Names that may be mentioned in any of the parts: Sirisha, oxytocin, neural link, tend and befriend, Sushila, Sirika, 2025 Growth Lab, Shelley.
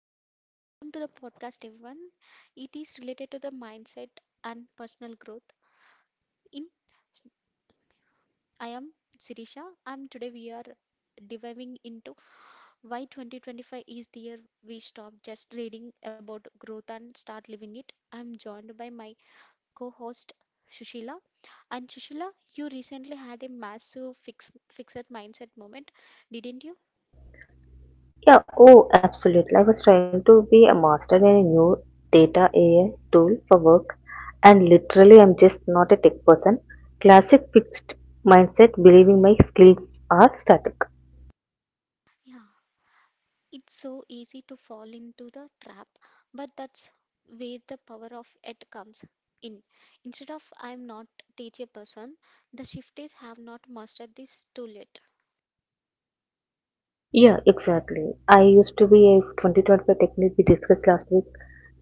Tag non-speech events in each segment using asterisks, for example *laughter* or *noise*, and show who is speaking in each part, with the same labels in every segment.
Speaker 1: Yeah, welcome to the podcast, everyone. It is related to the mindset and personal growth. In I am Sirisha, and today we are diving into why 2025 is the year we stop just reading about growth and start living it. I'm joined by my co-host Sushila. And Sushila, you recently had a massive fixed mindset moment, didn't you?
Speaker 2: Yeah, oh, absolutely. I was trying to be a master in a new data AI tool for work, and literally, I'm just not a tech person. Classic fixed mindset, believing my skills are static.
Speaker 1: Yeah. It's so easy to fall into the trap, but that's where the power of it comes in. Instead of I'm not teach a person, the shift is have not mastered this tool yet.
Speaker 2: Yeah, exactly. I used to be a 2025 technique we discussed last week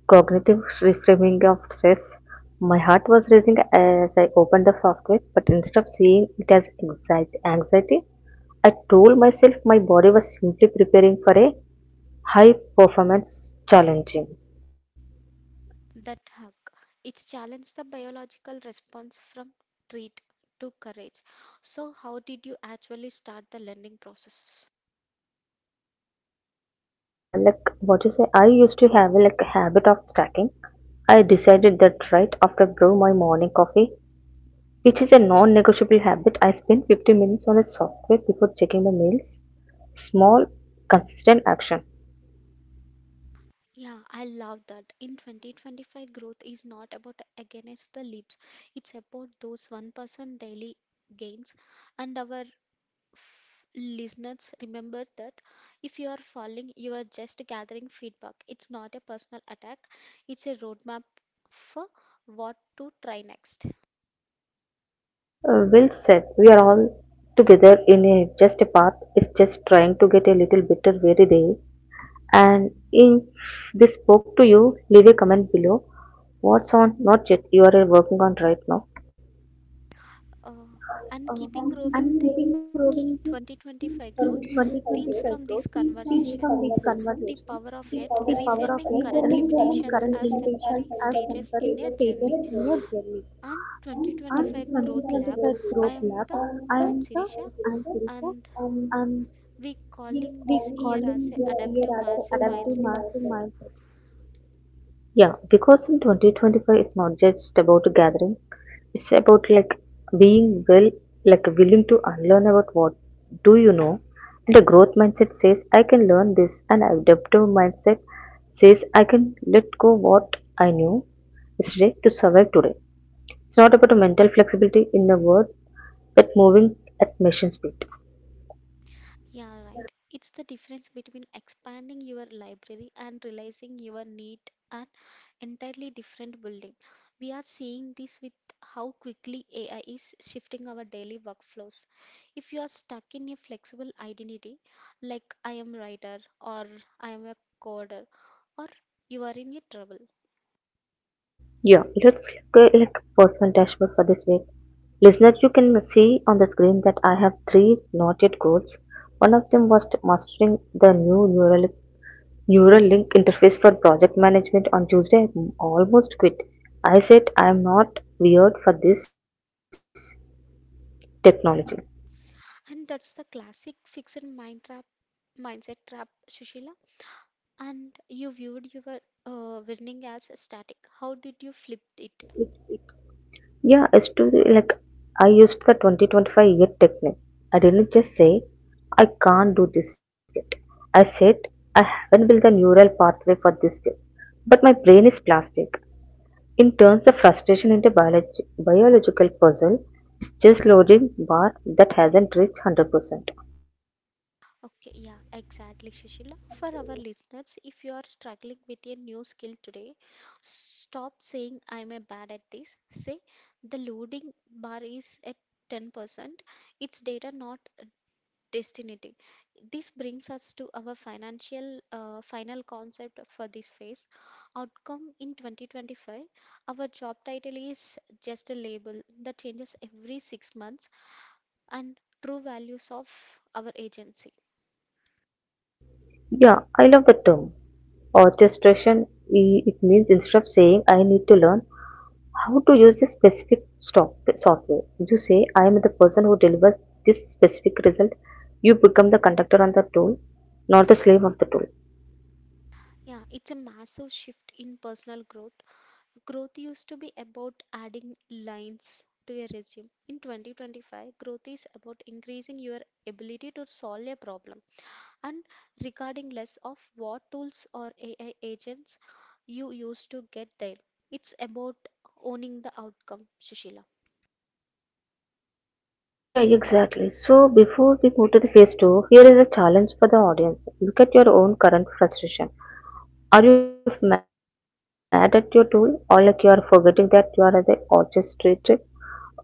Speaker 2: cognitive reframing of stress. My heart was racing as I opened the software, but instead of seeing it as anxiety, I told myself my body was simply preparing for a high performance challenging.
Speaker 1: That hug. It's challenged the biological response from treat to courage. So how did you actually start the learning process?
Speaker 2: Yeah, like what you say, I used to have like a habit of stacking. I decided that right after brew my morning coffee, which is a non-negotiable habit. I spend 50 minutes on a software before checking my mails. Small, consistent action.
Speaker 1: Yeah, I love that. In 2025, growth is not about against the leaps. It's about those 1% daily gains and our f- listeners, remember that if you are falling, you are just gathering feedback. It's not a personal attack, it's a roadmap for what to try next.
Speaker 2: Well said. We are all together in a just a path. It's just trying to get a little better every day. And if this spoke to you, leave a comment below. What's on? Not yet. You are working on right now.
Speaker 1: Uh,
Speaker 2: Uh,
Speaker 1: and
Speaker 2: I'm
Speaker 1: keeping
Speaker 2: giving Robin
Speaker 1: growing
Speaker 2: to
Speaker 1: the key
Speaker 2: 2025
Speaker 1: 2025
Speaker 2: growth
Speaker 1: growth
Speaker 2: speaks
Speaker 1: themes
Speaker 2: from
Speaker 1: from
Speaker 2: this
Speaker 1: this
Speaker 2: conversation.
Speaker 1: conversation.
Speaker 2: The
Speaker 1: The
Speaker 2: power
Speaker 1: power
Speaker 2: of
Speaker 1: of
Speaker 2: it
Speaker 1: it,
Speaker 2: reframing
Speaker 1: reframing
Speaker 2: current
Speaker 1: current
Speaker 2: limitations
Speaker 1: limitations
Speaker 2: as
Speaker 1: as
Speaker 2: temporary
Speaker 1: temporary
Speaker 2: stated
Speaker 1: stages
Speaker 2: in
Speaker 1: in a
Speaker 2: your journey.
Speaker 1: journey.
Speaker 2: On
Speaker 1: And
Speaker 2: 2025
Speaker 1: 2025
Speaker 2: Growth
Speaker 1: Growth
Speaker 2: Lab,
Speaker 1: Lab.
Speaker 2: I
Speaker 1: I
Speaker 2: am
Speaker 1: am
Speaker 2: the
Speaker 1: the I
Speaker 2: I'm
Speaker 1: am
Speaker 2: Sirika
Speaker 1: Sirisha
Speaker 2: and
Speaker 1: and
Speaker 2: we
Speaker 1: we calling
Speaker 2: calling
Speaker 1: this
Speaker 2: this
Speaker 1: year
Speaker 2: year as
Speaker 1: as a
Speaker 2: the
Speaker 1: adaptive
Speaker 2: adaptive
Speaker 1: massive
Speaker 2: mastermind,
Speaker 1: mindset.
Speaker 2: yeah, because in 2025 it's not just about a gathering, it's about like being well, like willing to unlearn about what do you know. And the growth mindset says I can learn this, and adaptive mindset says I can let go what I knew yesterday to survive today. It's not about a mental flexibility in a world that moving at machine speed.
Speaker 1: Yeah, right. It's the difference between expanding your library and realizing your need an entirely different building. We are seeing this with how quickly AI is shifting our daily workflows. If you are stuck in a flexible identity, like I am writer or I am a coder, or you are in a trouble.
Speaker 2: Yeah, it looks like a personal dashboard for this week. Listener, you can see on the screen that I have three noted goals. One of them was to mastering the new neural link interface for project management on Tuesday. I almost quit. I said I am not weird for this technology.
Speaker 1: And that's the classic fixed mind trap mindset trap, Sushila. And you viewed your winning as static. How did you flip it?
Speaker 2: Yeah, it's to like I used the 2025 year technique. I didn't just say I can't do this yet. I said I haven't built a neural pathway for this yet. But my brain is plastic. In turns the frustration into biological puzzle, it's just loading bar that hasn't reached 100%.
Speaker 1: Okay, yeah, exactly, Shishila. For our listeners, if you are struggling with a new skill today, stop saying I'm a bad at this. Say the loading bar is at 10%. It's data, not Destinity. This brings us to our financial final concept for this phase. Outcome in 2025. Our job title is just a label that changes every 6 months and true values of our agency.
Speaker 2: Yeah, I love the term. Orchestration, it means instead of saying I need to learn how to use this specific software, you say I am the person who delivers this specific result. You become the conductor on the tool, not the slave of the tool.
Speaker 1: Yeah, it's a massive shift in personal growth. Growth used to be about adding lines to your resume. In 2025, growth is about increasing your ability to solve a problem and regarding less of what tools or AI agents you use to get there. It's about owning the outcome, Shishila.
Speaker 2: *laughs* Yeah, exactly. So before we move to the phase two, here is a challenge for the audience. Look at your own current frustration. Are you mad at your tool or like you are forgetting that you are the orchestrated?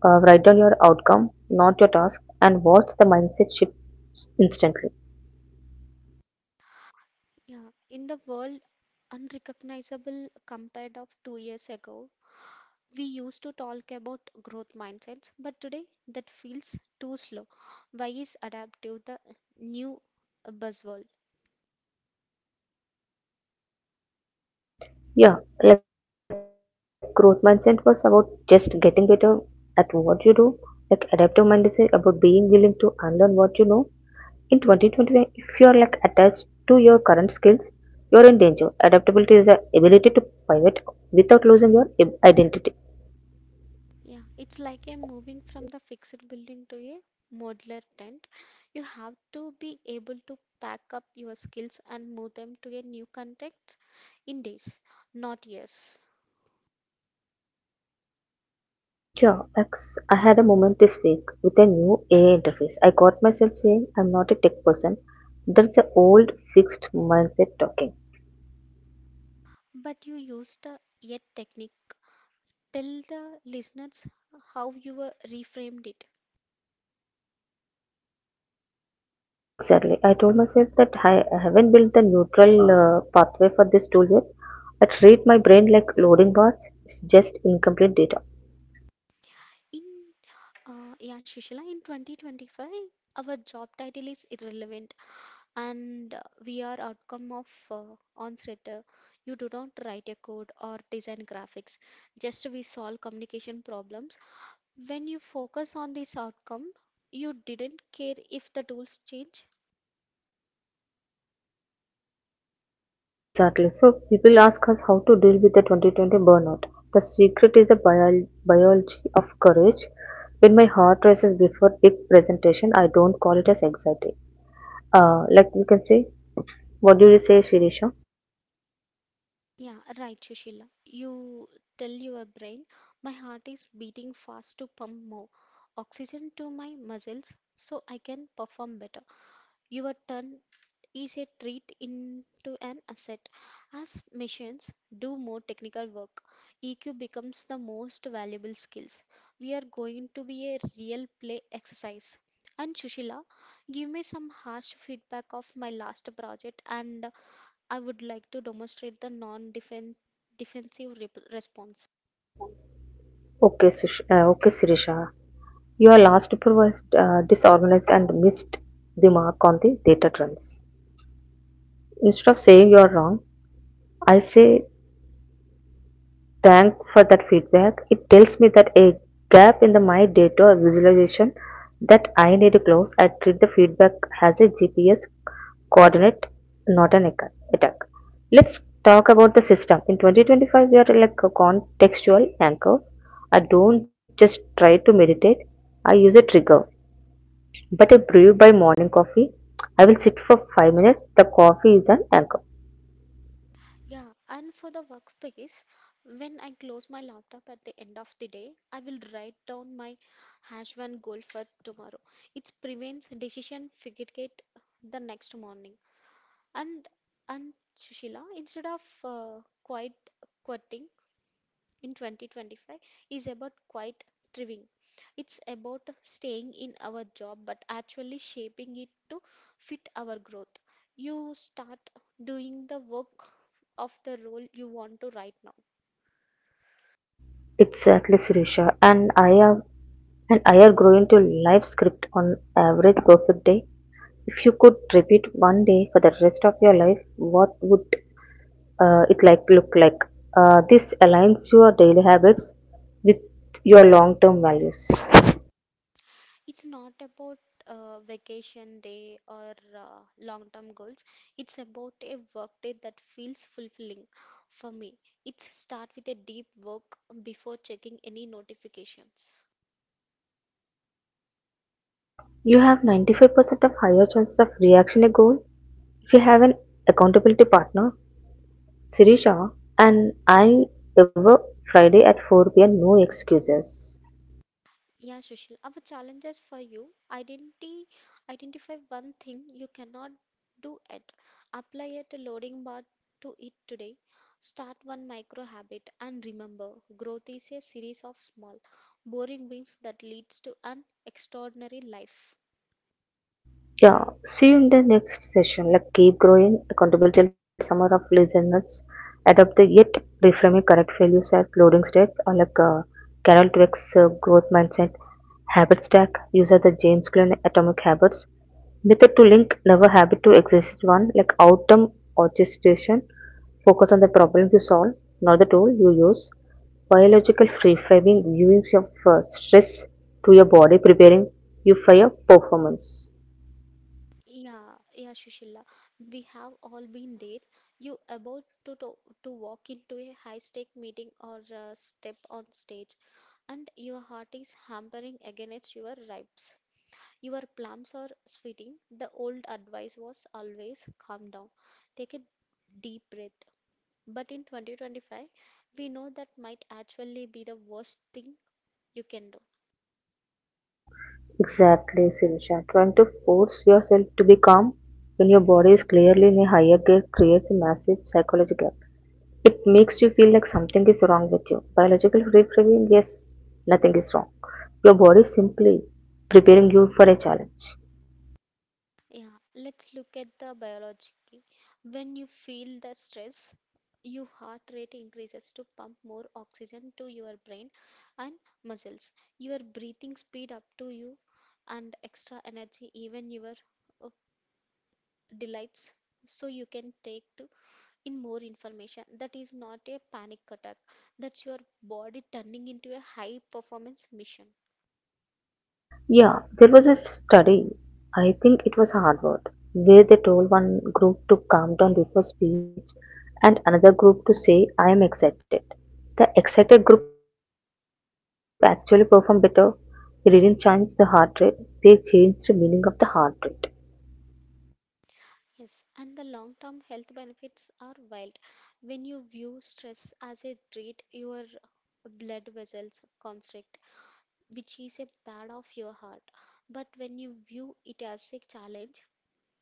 Speaker 2: Write down your outcome, not your task, and watch the mindset shift instantly.
Speaker 1: Yeah, in the world unrecognizable compared of 2 years ago, we used to talk about growth mindsets, but today that feels too slow. Why is adaptive the new buzzword?
Speaker 2: Yeah, like growth mindset was about just getting better at what you do. Like adaptive mindset about being willing to unlearn what you know. In 2020, if you are like attached to your current skills, you are in danger. Adaptability is the ability to pivot without losing your identity.
Speaker 1: Yeah, it's like I'm moving from the fixed building to a modular tent. You have to be able to pack up your skills and move them to a new context in days, not years.
Speaker 2: Yeah, like I had a moment this week with a new AI interface. I got myself saying I'm not a tech person. That's the old fixed mindset talking.
Speaker 1: But you used the yet technique. Tell the listeners how you were reframed it.
Speaker 2: Exactly. I told myself that I haven't built the neutral pathway for this tool yet. I treat my brain like loading bars, it's just incomplete data.
Speaker 1: In yeah, Shishila, in 2025, our job title is irrelevant. And we are outcome of onset you do not write a code or design graphics just we solve communication problems when you focus on this outcome you didn't care if the tools change
Speaker 2: Exactly. So people ask us how to deal with the 2020 burnout. The secret is the biology of courage. When my heart races before big presentation, I don't call it as anxiety. Like we can say, what do you say, Shirisha?
Speaker 1: yeah, right, Sushila, you tell your brain my heart is beating fast to pump more oxygen to my muscles so I can perform better your turn is a treat into an asset. As machines do more technical work, EQ becomes the most valuable skills. We are going to be a real play exercise. And Sushila, give me some harsh feedback of my last project and I would like to demonstrate the non-defensive response.
Speaker 2: Okay, okay, Sirisha. Your last paper was disorganized and missed the mark on the data trends. Instead of saying you are wrong, I say thank for that feedback. It tells me that a gap in the my data visualization that I need to close. I treat the feedback as a GPS coordinate, not an attack. Let's talk about the system. In 2025, we are like a contextual anchor. I don't just try to meditate. I use a trigger. But I brew by morning coffee. I will sit for 5 minutes. The coffee is an anchor.
Speaker 1: Yeah, and for the workspace, when I close my laptop at the end of the day, I will write down my hash one goal for tomorrow. It prevents decision fatigue the next morning. And and Sushila, instead of quite quitting, in 2025 is about quite thriving. It's about staying in our job but actually shaping it to fit our growth. You start doing the work of the role you want to right now.
Speaker 2: Exactly, Suresha. And I am and I are growing to live script on average perfect day. If you could repeat one day for the rest of your life, what would it like look like? This aligns your daily habits with your long-term values.
Speaker 1: It's not about vacation day or long term goals. It's about a work day that feels fulfilling for me. It's start with a deep work before checking any notifications.
Speaker 2: You have 95% of higher chances of reaching a goal if you have an accountability partner Sirisha and I ever Friday at 4 p.m. no excuses.
Speaker 1: Yeah, Sushil, our challenges for you identity identify one thing you cannot do it. Apply it to loading bar to it today. Start one micro habit and remember growth is a series of small, boring wins that leads to an extraordinary life.
Speaker 2: Yeah, see you in the next session. Like keep growing, accountable till summer of listeners. Adopt the yet reframing correct values as loading states or like Carol Dweck's growth mindset, habit stack, use of the James Clear atomic habits, method to link never habit to exist one like outcome orchestration, focus on the problem you solve, not the tool you use, biological free framing, viewings of stress to your body, preparing you for your performance.
Speaker 1: Yeah, yeah, Shushila. We have all been there. You about to walk into a high-stake meeting or step on stage, and your heart is hammering against your ribs. Your plums are sweating. The old advice was always calm down, take a deep breath. But in 2025, we know that might actually be the worst thing you can do.
Speaker 2: Exactly, Sirisha. Trying to force yourself to be calm when your body is clearly in a higher gear creates a massive psychological gap. It makes you feel like something is wrong with you. Biological reframing, yes, nothing is wrong. Your body is simply preparing you for a challenge.
Speaker 1: Yeah, let's look at the biology. When you feel the stress, your heart rate increases to pump more oxygen to your brain and muscles. Your breathing speed up to you and extra energy even your uh, delights so you can take to in more information. That is not a panic attack, that's your body turning into a high performance mission.
Speaker 2: Yeah, there was a study, I think it was Harvard, where they told one group to calm down before speech and another group to say, I am excited. The excited group actually performed better. They didn't change the heart rate, they changed the meaning of the heart rate.
Speaker 1: Yes, and the long term health benefits are wild. When you view stress as a treat, your blood vessels constrict, which is a bad of your heart, but when you view it as a challenge,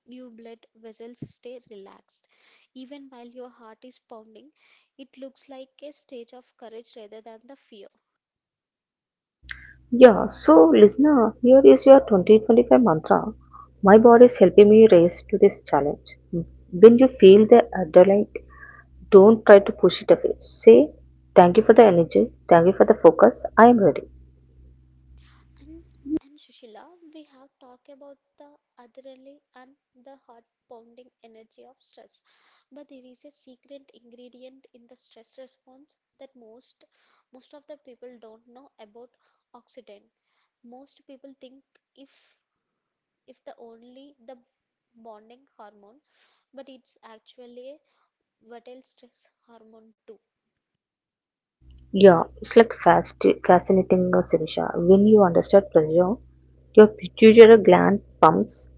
Speaker 1: your blood vessels stay relaxed even while your heart is pounding. It looks like a stage of courage rather than the fear.
Speaker 2: Yeah, so listener, here is your 2025 mantra. My body is helping me race to this challenge. When you feel the adrenaline, don't try to push it away. Say, thank you for the energy, thank you for the focus, I am ready.
Speaker 1: And and Sushila, we have talked about the adrenaline and the heart pounding energy of stress. But there is a secret ingredient in the stress response that most of the people don't know about oxytocin. Most people think if if the only the bonding hormone, but it's actually a vital stress hormone too.
Speaker 2: Yeah, it's like fast, fascinating, Sirisha. When you understand pressure, your pituitary gland pumps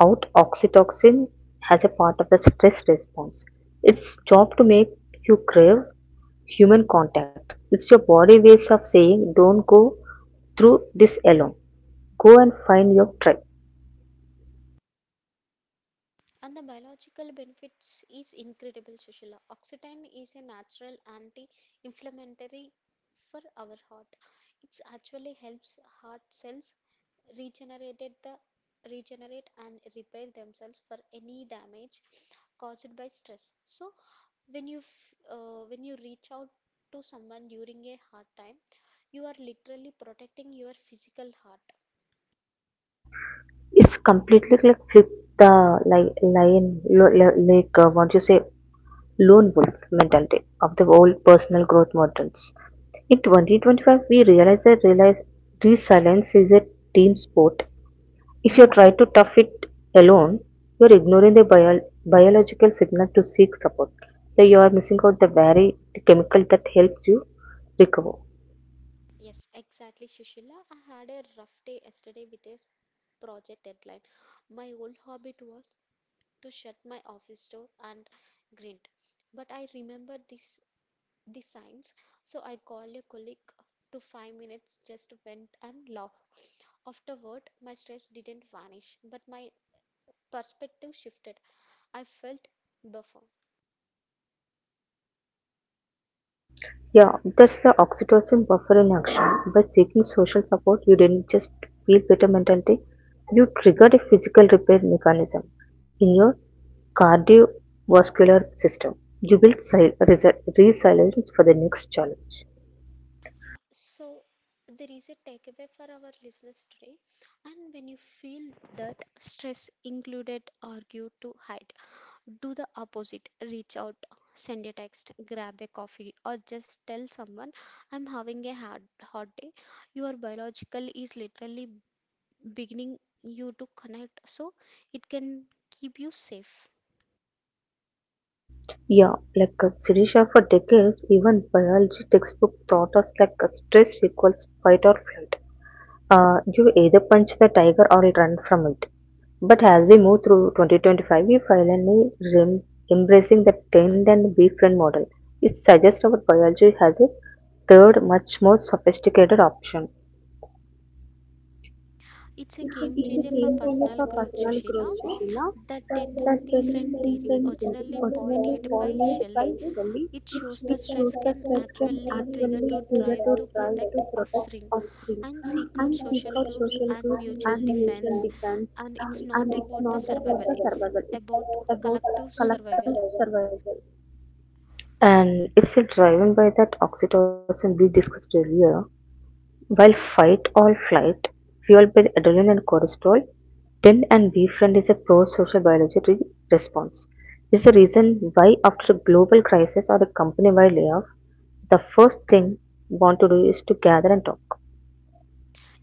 Speaker 2: out oxytocin as a part of the stress response. It's job to make you crave human contact. It's your body ways of saying, don't go through this alone. Go and find your tribe.
Speaker 1: And the biological benefits is incredible, Sushila. Oxytocin is a natural anti-inflammatory for our heart. It actually helps heart cells regenerated the regenerate and repair themselves for any damage caused by stress. So when when you reach out to someone during a hard time, you are literally protecting your physical heart.
Speaker 2: It's completely like flip the like lion, what you say, lone wolf mentality of the whole personal growth models. In 2025, we realize that realize resilience is a team sport. If you try to tough it alone, you're ignoring the biological signal to seek support. So you are missing out the very chemical that helps you recover.
Speaker 1: Yes, exactly, Sushila. I had a rough day yesterday with a project deadline. My old habit was to shut my office door and grit, but I remembered this, the signs, so I called a colleague to 5 minutes, just went and laughed. Afterward, my stress didn't vanish, but my perspective shifted. I felt buffer.
Speaker 2: Yeah, that's the oxytocin buffer in action. By seeking social support, you didn't just feel better mentally, you triggered a physical repair mechanism in your cardiovascular system. You built resilience for the next challenge.
Speaker 1: Yeah, so there is a takeaway for our listeners today. And when you feel that stress included, argue to hide, do the opposite. Reach out, send a text, grab a coffee, or just tell someone, I'm having a hard, hot day. Your biological is literally beginning you to connect, so it can keep you safe.
Speaker 2: Yeah, like Sirisha for decades, even biology textbook taught us like stress equals fight or flight. You either punch the tiger or run from it. But as we move through 2025, we finally rem- embracing the tend and befriend model. It suggests our biology has a third, much more sophisticated option. It's a
Speaker 1: It's a
Speaker 2: it's a
Speaker 1: game
Speaker 2: game
Speaker 1: changer
Speaker 2: changer
Speaker 1: for
Speaker 2: for
Speaker 1: personal
Speaker 2: personal
Speaker 1: growth,
Speaker 2: growth,
Speaker 1: Sushila.
Speaker 2: Shobana. The
Speaker 1: The 10
Speaker 2: tennis
Speaker 1: and different
Speaker 2: sequence
Speaker 1: theory,
Speaker 2: is
Speaker 1: originally
Speaker 2: originally
Speaker 1: pioneered
Speaker 2: pioneered
Speaker 1: by
Speaker 2: by
Speaker 1: Shelley,
Speaker 2: Shelley.
Speaker 1: it
Speaker 2: It
Speaker 1: shows
Speaker 2: shows
Speaker 1: the
Speaker 2: the
Speaker 1: stress
Speaker 2: sweat
Speaker 1: can
Speaker 2: can
Speaker 1: actually
Speaker 2: actually
Speaker 1: trigger
Speaker 2: trigger
Speaker 1: to
Speaker 2: to
Speaker 1: drive
Speaker 2: try
Speaker 1: to
Speaker 2: to
Speaker 1: protect
Speaker 2: protect
Speaker 1: offspring
Speaker 2: offspring
Speaker 1: and
Speaker 2: and
Speaker 1: seek
Speaker 2: seek
Speaker 1: out
Speaker 2: out
Speaker 1: social
Speaker 2: social
Speaker 1: groups
Speaker 2: groups
Speaker 1: and
Speaker 2: and
Speaker 1: mutual
Speaker 2: mutual
Speaker 1: defense.
Speaker 2: defense.
Speaker 1: And
Speaker 2: And
Speaker 1: it's
Speaker 2: it's
Speaker 1: not
Speaker 2: not
Speaker 1: about the
Speaker 2: about the
Speaker 1: survival,
Speaker 2: survival,
Speaker 1: it's about
Speaker 2: it's about
Speaker 1: collective survival.
Speaker 2: collective survival. And it's a driven by that oxytocin we discussed earlier. While "Fight or Flight" fueled by adrenaline and cortisol, "Tend and Befriend" is a pro-social biology response. This is the reason why after a global crisis or a company-wide layoff, the first thing we want to do is to gather and talk.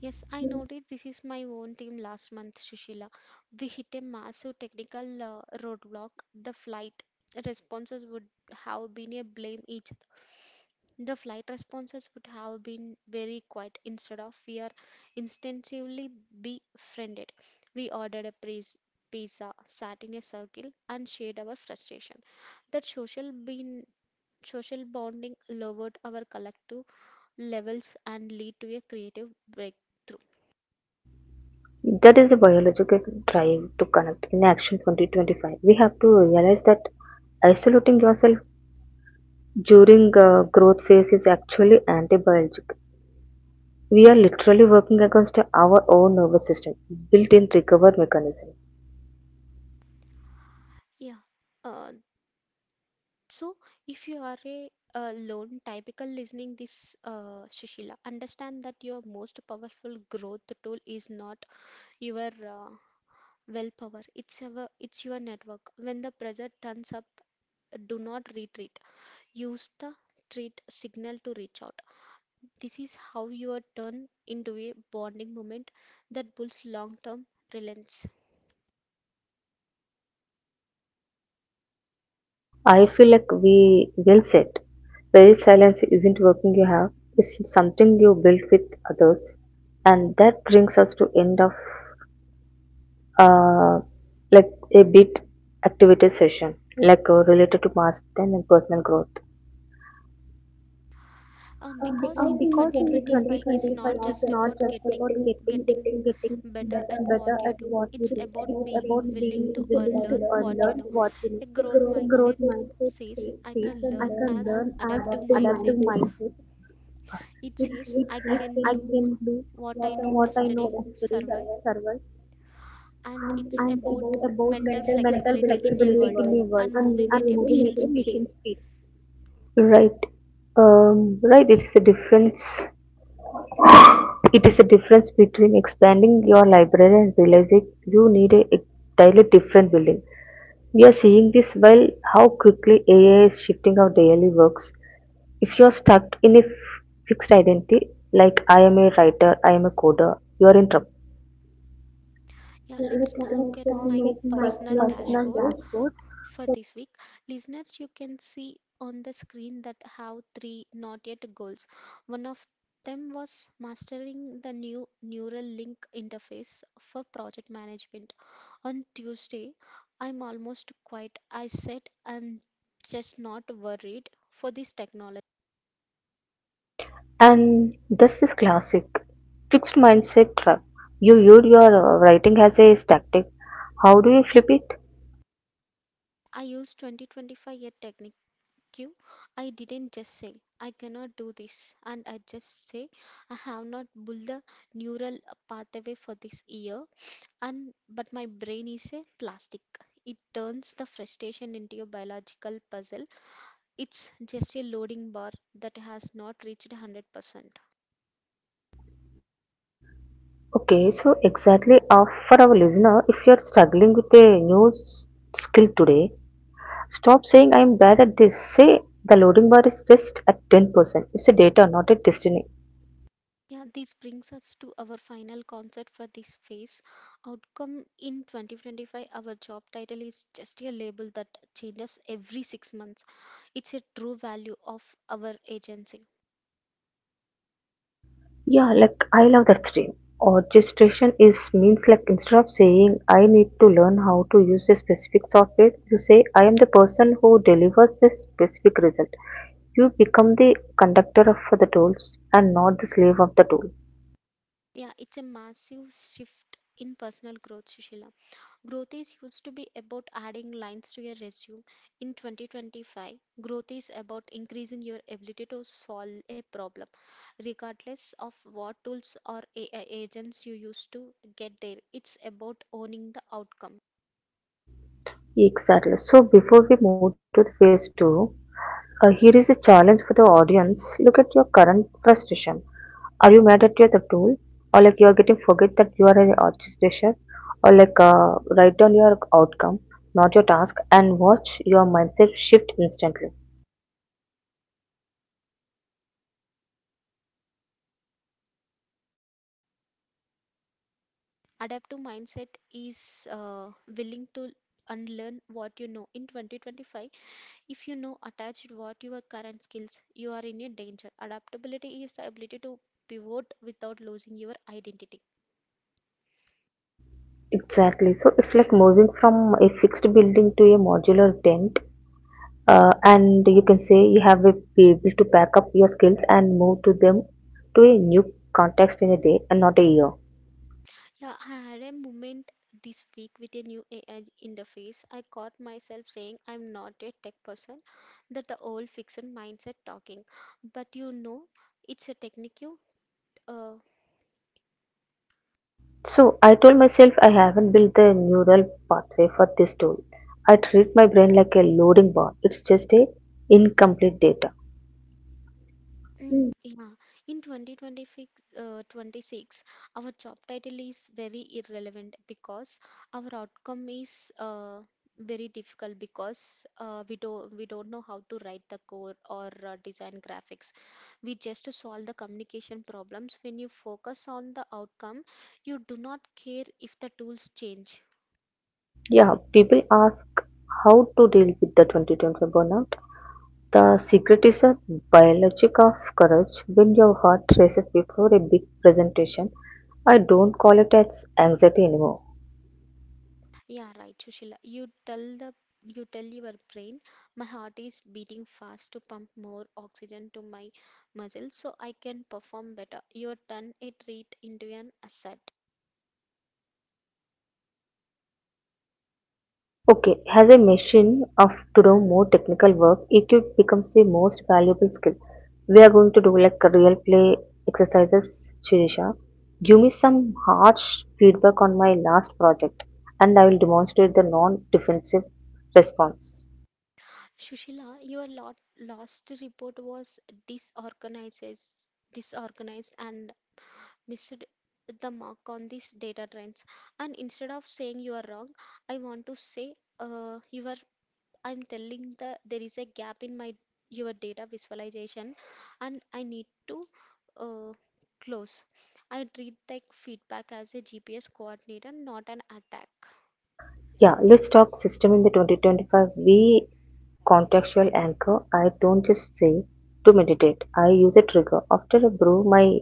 Speaker 1: Yes, I noticed this is my own team last month, Sushila. We hit a massive technical roadblock. The flight responses would have been a blame each The flight responses would have been very quiet. Instead of we are instinctively befriended. We ordered a pizza, sat in a circle, and shared our frustration. That social bonding lowered our collective levels and lead to a creative breakthrough.
Speaker 2: That is the biological drive to connect. In Action 2025, we have to realize that isolating yourself during growth phase is actually anti-biological. We are literally working against our own nervous system, built-in recover mechanism.
Speaker 1: Yeah. Uh, so if you are a, lone typical listening this Sushila, understand that your most powerful growth tool is not your willpower. It's your network. When the pressure turns up, do not retreat. Use the treat signal to reach out. This is how you are turned into a bonding moment that builds long-term relevance.
Speaker 2: I feel like we will set. Very silence isn't working you have. It's something you built with others, and that brings us to end of uh, like a bit activity session, like related to master and personal growth. Because
Speaker 1: Because
Speaker 2: In because
Speaker 1: in
Speaker 2: in 2025 2025,
Speaker 1: 2025,
Speaker 2: it's
Speaker 1: it's
Speaker 2: it's not
Speaker 1: not
Speaker 2: not just
Speaker 1: just
Speaker 2: about
Speaker 1: about
Speaker 2: about getting getting getting
Speaker 1: getting
Speaker 2: better at better
Speaker 1: better
Speaker 2: what
Speaker 1: at
Speaker 2: at you what
Speaker 1: what
Speaker 2: do. You
Speaker 1: you
Speaker 2: do.
Speaker 1: do.
Speaker 2: It's
Speaker 1: It's
Speaker 2: It's about
Speaker 1: about
Speaker 2: about being
Speaker 1: being
Speaker 2: being willing to
Speaker 1: willing
Speaker 2: willing to
Speaker 1: to
Speaker 2: to unlearn what unlearn
Speaker 1: unlearn
Speaker 2: you
Speaker 1: what
Speaker 2: what
Speaker 1: you
Speaker 2: you know.
Speaker 1: know.
Speaker 2: The growth
Speaker 1: A
Speaker 2: The
Speaker 1: growth
Speaker 2: growth mindset
Speaker 1: mindset
Speaker 2: mindset says,
Speaker 1: says
Speaker 2: says, I can I
Speaker 1: I
Speaker 2: learn
Speaker 1: can
Speaker 2: can learn
Speaker 1: learn
Speaker 2: an
Speaker 1: as
Speaker 2: adaptive
Speaker 1: adaptive
Speaker 2: adaptive
Speaker 1: mindset.
Speaker 2: mindset. Sorry. Which
Speaker 1: It
Speaker 2: helps us
Speaker 1: says
Speaker 2: helps in I
Speaker 1: I
Speaker 2: can do can
Speaker 1: can learn
Speaker 2: do what I know
Speaker 1: what
Speaker 2: what I
Speaker 1: I
Speaker 2: know
Speaker 1: know
Speaker 2: yesterday,
Speaker 1: yesterday,
Speaker 2: yesterday, survive.
Speaker 1: survive,
Speaker 2: Survive, And it's and
Speaker 1: and it's
Speaker 2: it's about about
Speaker 1: about
Speaker 2: mental mental
Speaker 1: mental
Speaker 2: flexibility
Speaker 1: flexibility
Speaker 2: in
Speaker 1: in a
Speaker 2: the flexibility in world
Speaker 1: world
Speaker 2: the world and moving and
Speaker 1: and
Speaker 2: with a moving
Speaker 1: moving
Speaker 2: with
Speaker 1: at a
Speaker 2: a speed.
Speaker 1: mission
Speaker 2: Mission
Speaker 1: speed.
Speaker 2: speed. Right. Um, right, it's a difference It is a difference between expanding your library and realizing you need a entirely different building. We are seeing this while how quickly AI is shifting our daily works. If you are stuck in a fixed identity, like I am a writer, I am a coder, you are in trouble. Yeah, you
Speaker 1: Yeah,
Speaker 2: can
Speaker 1: let's
Speaker 2: start
Speaker 1: talk at
Speaker 2: making my
Speaker 1: my personal
Speaker 2: personal
Speaker 1: dashboard
Speaker 2: dashboard.
Speaker 1: for this week. Listeners, you can see on the screen that have 3 not yet goals. One of them was mastering the new neural link interface for project management. On Tuesday, I'm almost quiet. I said I'm just not worried for this technology.
Speaker 2: And that's this classic fixed mindset trap. You viewed your writing as a static. How do you flip it?
Speaker 1: I used 2025 year technique. Q. I didn't just say, I cannot do this. And I just say, I have not built the neural pathway for this year. And but my brain is a plastic. It turns the frustration into a biological puzzle. It's just a loading bar that has not reached 100%.
Speaker 2: Okay, so exactly for our listener, if you're struggling with a new skill today, stop saying I'm bad at this. Say the loading bar is just at 10%. It's a data, not a destiny.
Speaker 1: Yeah, this brings us to our final concept for this phase outcome in 2025. Our job title is just a label that changes every 6 months. It's a true value of our agency.
Speaker 2: Yeah, like I love that stream. Or is means like instead of saying I need to learn how to use a specific software, you say I am the person who delivers a specific result. You become the conductor of the tools and not the slave of the tool.
Speaker 1: Yeah, it's a massive shift in personal growth, Sushila. Growth is used to be about adding lines to your resume. In 2025, growth is about increasing your ability to solve a problem, regardless of what tools or AI agents you use to get there. It's about owning the outcome.
Speaker 2: Exactly. So before we move to the phase two, here is a challenge for the audience. Look at your current frustration. Are you mad at your the tool, or like you are getting forget that you are an orchestration, or like write down your outcome, not your task, and watch your mindset shift instantly.
Speaker 1: Adaptive mindset is willing to unlearn what you know. In 2025, if you know attached what your current skills, you are in a danger. Adaptability is the ability to pivot without losing your identity.
Speaker 2: Exactly. So it's like moving from a fixed building to a modular tent. And you can say you have to be able to pack up your skills and move to them to a new context in a day and not a year.
Speaker 1: Yeah, I had a moment this week with a new AI interface. I caught myself saying I'm not a tech person, that the old fixed mindset talking. But you know, it's a technique you uh,
Speaker 2: So I told myself I haven't built the neural pathway for this tool. I treat my brain like a loading bar. It's just a incomplete data. Mm.
Speaker 1: Yeah, in 2026, 26, our job title is very irrelevant because our outcome is very difficult because we don't know how to write the code or design graphics. We just solve the communication problems. When you focus on the outcome, you do not care if the tools change.
Speaker 2: Yeah, people ask how to deal with the 2025 burnout. The secret is a biologic of courage. When your heart races before a big presentation, I don't call it as anxiety anymore.
Speaker 1: Yeah, right, Sushila. You tell your brain, my heart is beating fast to pump more oxygen to my muscles so I can perform better. You turn a treat into an asset.
Speaker 2: Okay, as a machine of to do more technical work, EQ becomes the most valuable skill. We are going to do like real play exercises, Shirisha. Give me some harsh feedback on my last project, and I will demonstrate the non defensive response.
Speaker 1: Sushila, last report was disorganizes, disorganized and missed the mark on these data trends. And instead of saying you are wrong, I want to say you are I'm telling the there is a gap in my your data visualization and I need to uh, close. I treat the feedback as a GPS coordinator, not an attack.
Speaker 2: Yeah, let's talk system in the 2025. We contextual anchor. I don't just say to meditate. I use a trigger. After I brew my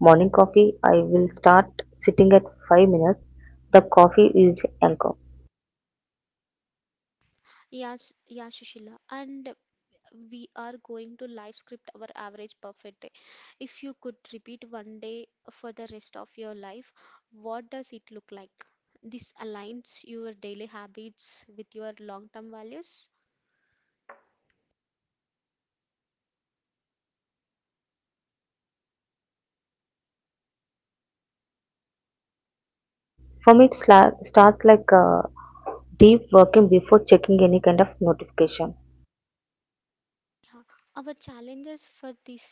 Speaker 2: morning coffee, I will start sitting at 5 minutes. The coffee is anchor.
Speaker 1: Yes, yeah, Shishila. And we are going to live script our average perfect day. If you could repeat one day for the rest of your life, what does it look like? This aligns your daily habits with your long term values.
Speaker 2: For me, it starts like a deep working before checking any kind of notification.
Speaker 1: Yeah. Our challenges for this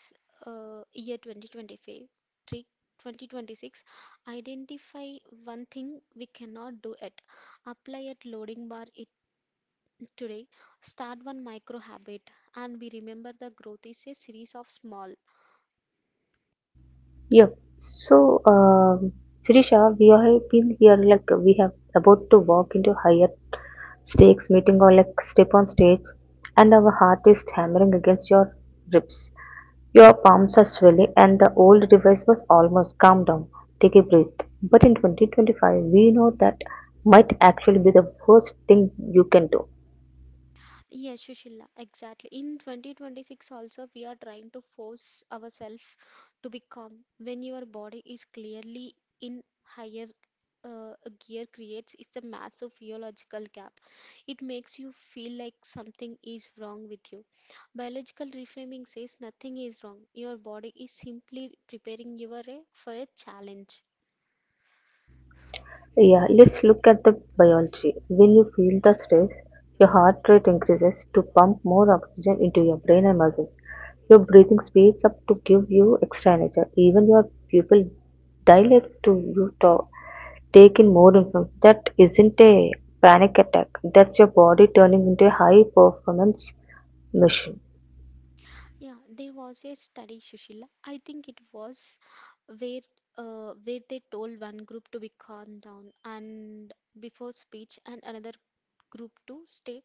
Speaker 1: year 2025, three, 2026. Identify one thing we cannot do it. Apply at loading bar it today. Start one micro habit and we remember the growth is a series of small.
Speaker 2: Yep. So, Sirisha, we have been here like we have about to walk into higher stakes meeting or like step on stage, and our heart is hammering against your ribs. Your palms are swelling, and the old device was almost calm down, take a breath. But in 2025, we know that might actually be the worst thing you can do.
Speaker 1: Yes, Sushila, exactly. In 2026 also we are trying to force ourselves to be calm. When your body is clearly in higher uh, gear creates it's a massive physiological gap. It makes you feel like something is wrong with you. Biological reframing says nothing is wrong. Your body is simply preparing you are for a challenge.
Speaker 2: Yeah, let's look at the biology. When you feel the stress, your heart rate increases to pump more oxygen into your brain and muscles. Your breathing speeds up to give you extra energy. Even your pupil dilate to you to take in more information. That isn't a panic attack. That's your body turning into a high performance machine.
Speaker 1: Yeah, there was a study, Sushila. I think it was where where they told one group to be calm down and before speech and another group to stay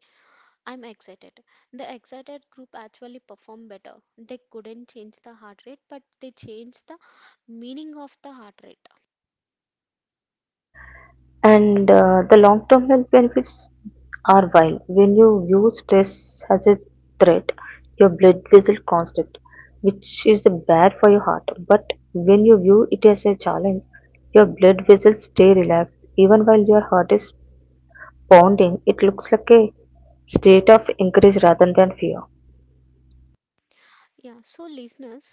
Speaker 1: I'm excited, the excited group actually performed better. They couldn't change the heart rate, but they changed the meaning of the heart rate.
Speaker 2: And the long term health benefits are while when you view stress as a threat, your blood vessel constrict, which is bad for your heart. But when you view it as a challenge, your blood vessels stay relaxed. Even while your heart is pounding, it looks like a state of encourage rather than fear.
Speaker 1: Yeah, so listeners,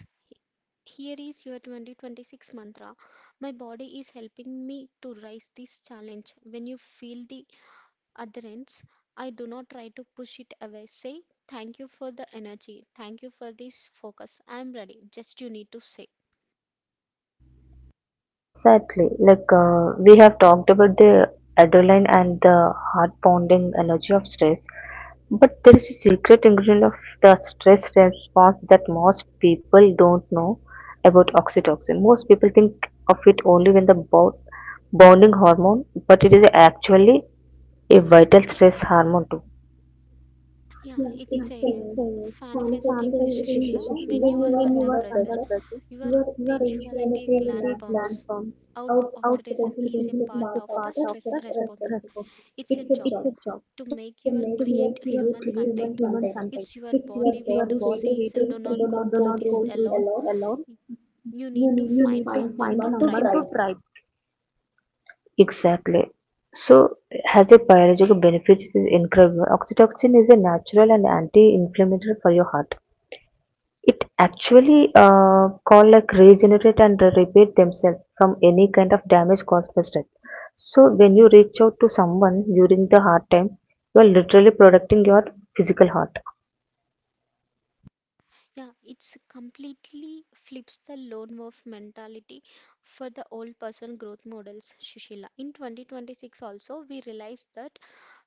Speaker 1: here is your 2026 mantra. My body is helping me to rise this challenge. When you feel the adherence, I do not try to push it away. Say, thank you for the energy. Thank you for this focus. I am ready. Just you need to say.
Speaker 2: Exactly. Like we have talked about the adrenaline and the heart pounding energy of stress, but there is a secret ingredient of the stress response that most people don't know about oxytocin. Most people think of it only when the bonding hormone, but it is actually a vital stress hormone too. Yeah,
Speaker 1: Yeah,
Speaker 2: it's
Speaker 1: it's
Speaker 2: same.
Speaker 1: a
Speaker 2: A Manifestation is
Speaker 1: manifesting
Speaker 2: manifestation
Speaker 1: Sushila.
Speaker 2: when you are when
Speaker 1: When
Speaker 2: you
Speaker 1: you are
Speaker 2: are are under
Speaker 1: under pressure,
Speaker 2: pressure.
Speaker 1: your
Speaker 2: Your
Speaker 1: punctuality
Speaker 2: initiative Plan
Speaker 1: gland
Speaker 2: comes
Speaker 1: pumps
Speaker 2: out
Speaker 1: out
Speaker 2: out Concentration
Speaker 1: oxytocin
Speaker 2: Is a
Speaker 1: is a part
Speaker 2: part
Speaker 1: of
Speaker 2: of
Speaker 1: the
Speaker 2: the
Speaker 1: stress
Speaker 2: stress.
Speaker 1: response.
Speaker 2: It's a
Speaker 1: It's
Speaker 2: It's
Speaker 1: a
Speaker 2: a
Speaker 1: job
Speaker 2: job to make
Speaker 1: to
Speaker 2: to make
Speaker 1: make your
Speaker 2: you create
Speaker 1: create
Speaker 2: human human
Speaker 1: human
Speaker 2: content. content.
Speaker 1: contact. It's
Speaker 2: If you
Speaker 1: your
Speaker 2: are
Speaker 1: body
Speaker 2: body
Speaker 1: way to
Speaker 2: waiting,
Speaker 1: says
Speaker 2: do
Speaker 1: do
Speaker 2: not do
Speaker 1: not
Speaker 2: not
Speaker 1: go
Speaker 2: go
Speaker 1: through
Speaker 2: through
Speaker 1: this
Speaker 2: this
Speaker 1: alone.
Speaker 2: alone, you
Speaker 1: You
Speaker 2: need You
Speaker 1: need
Speaker 2: need
Speaker 1: to
Speaker 2: to
Speaker 1: find
Speaker 2: find someone
Speaker 1: someone to
Speaker 2: to someone
Speaker 1: tribe.
Speaker 2: try. Exactly. So, has a biological benefit is incredible. Oxytocin is a natural and anti-inflammatory for your heart. It actually called like regenerate and repair themselves from any kind of damage caused by stress. So when you reach out to someone during the hard time, you are literally protecting your physical heart.
Speaker 1: Yeah, it's completely flips the lone wolf mentality for the old person growth models, Shishila. In 2026 also we realized that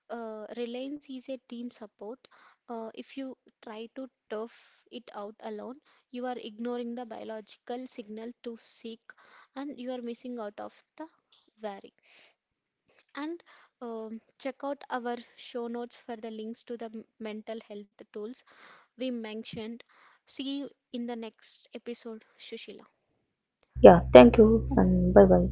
Speaker 1: Reliance is a team support. If you try to tough it out alone, you are ignoring the biological signal to seek and you are missing out of the value. And check out our show notes for the links to the mental health tools we mentioned. See you in the next episode, Shushila.
Speaker 2: Yeah, thank you and bye bye.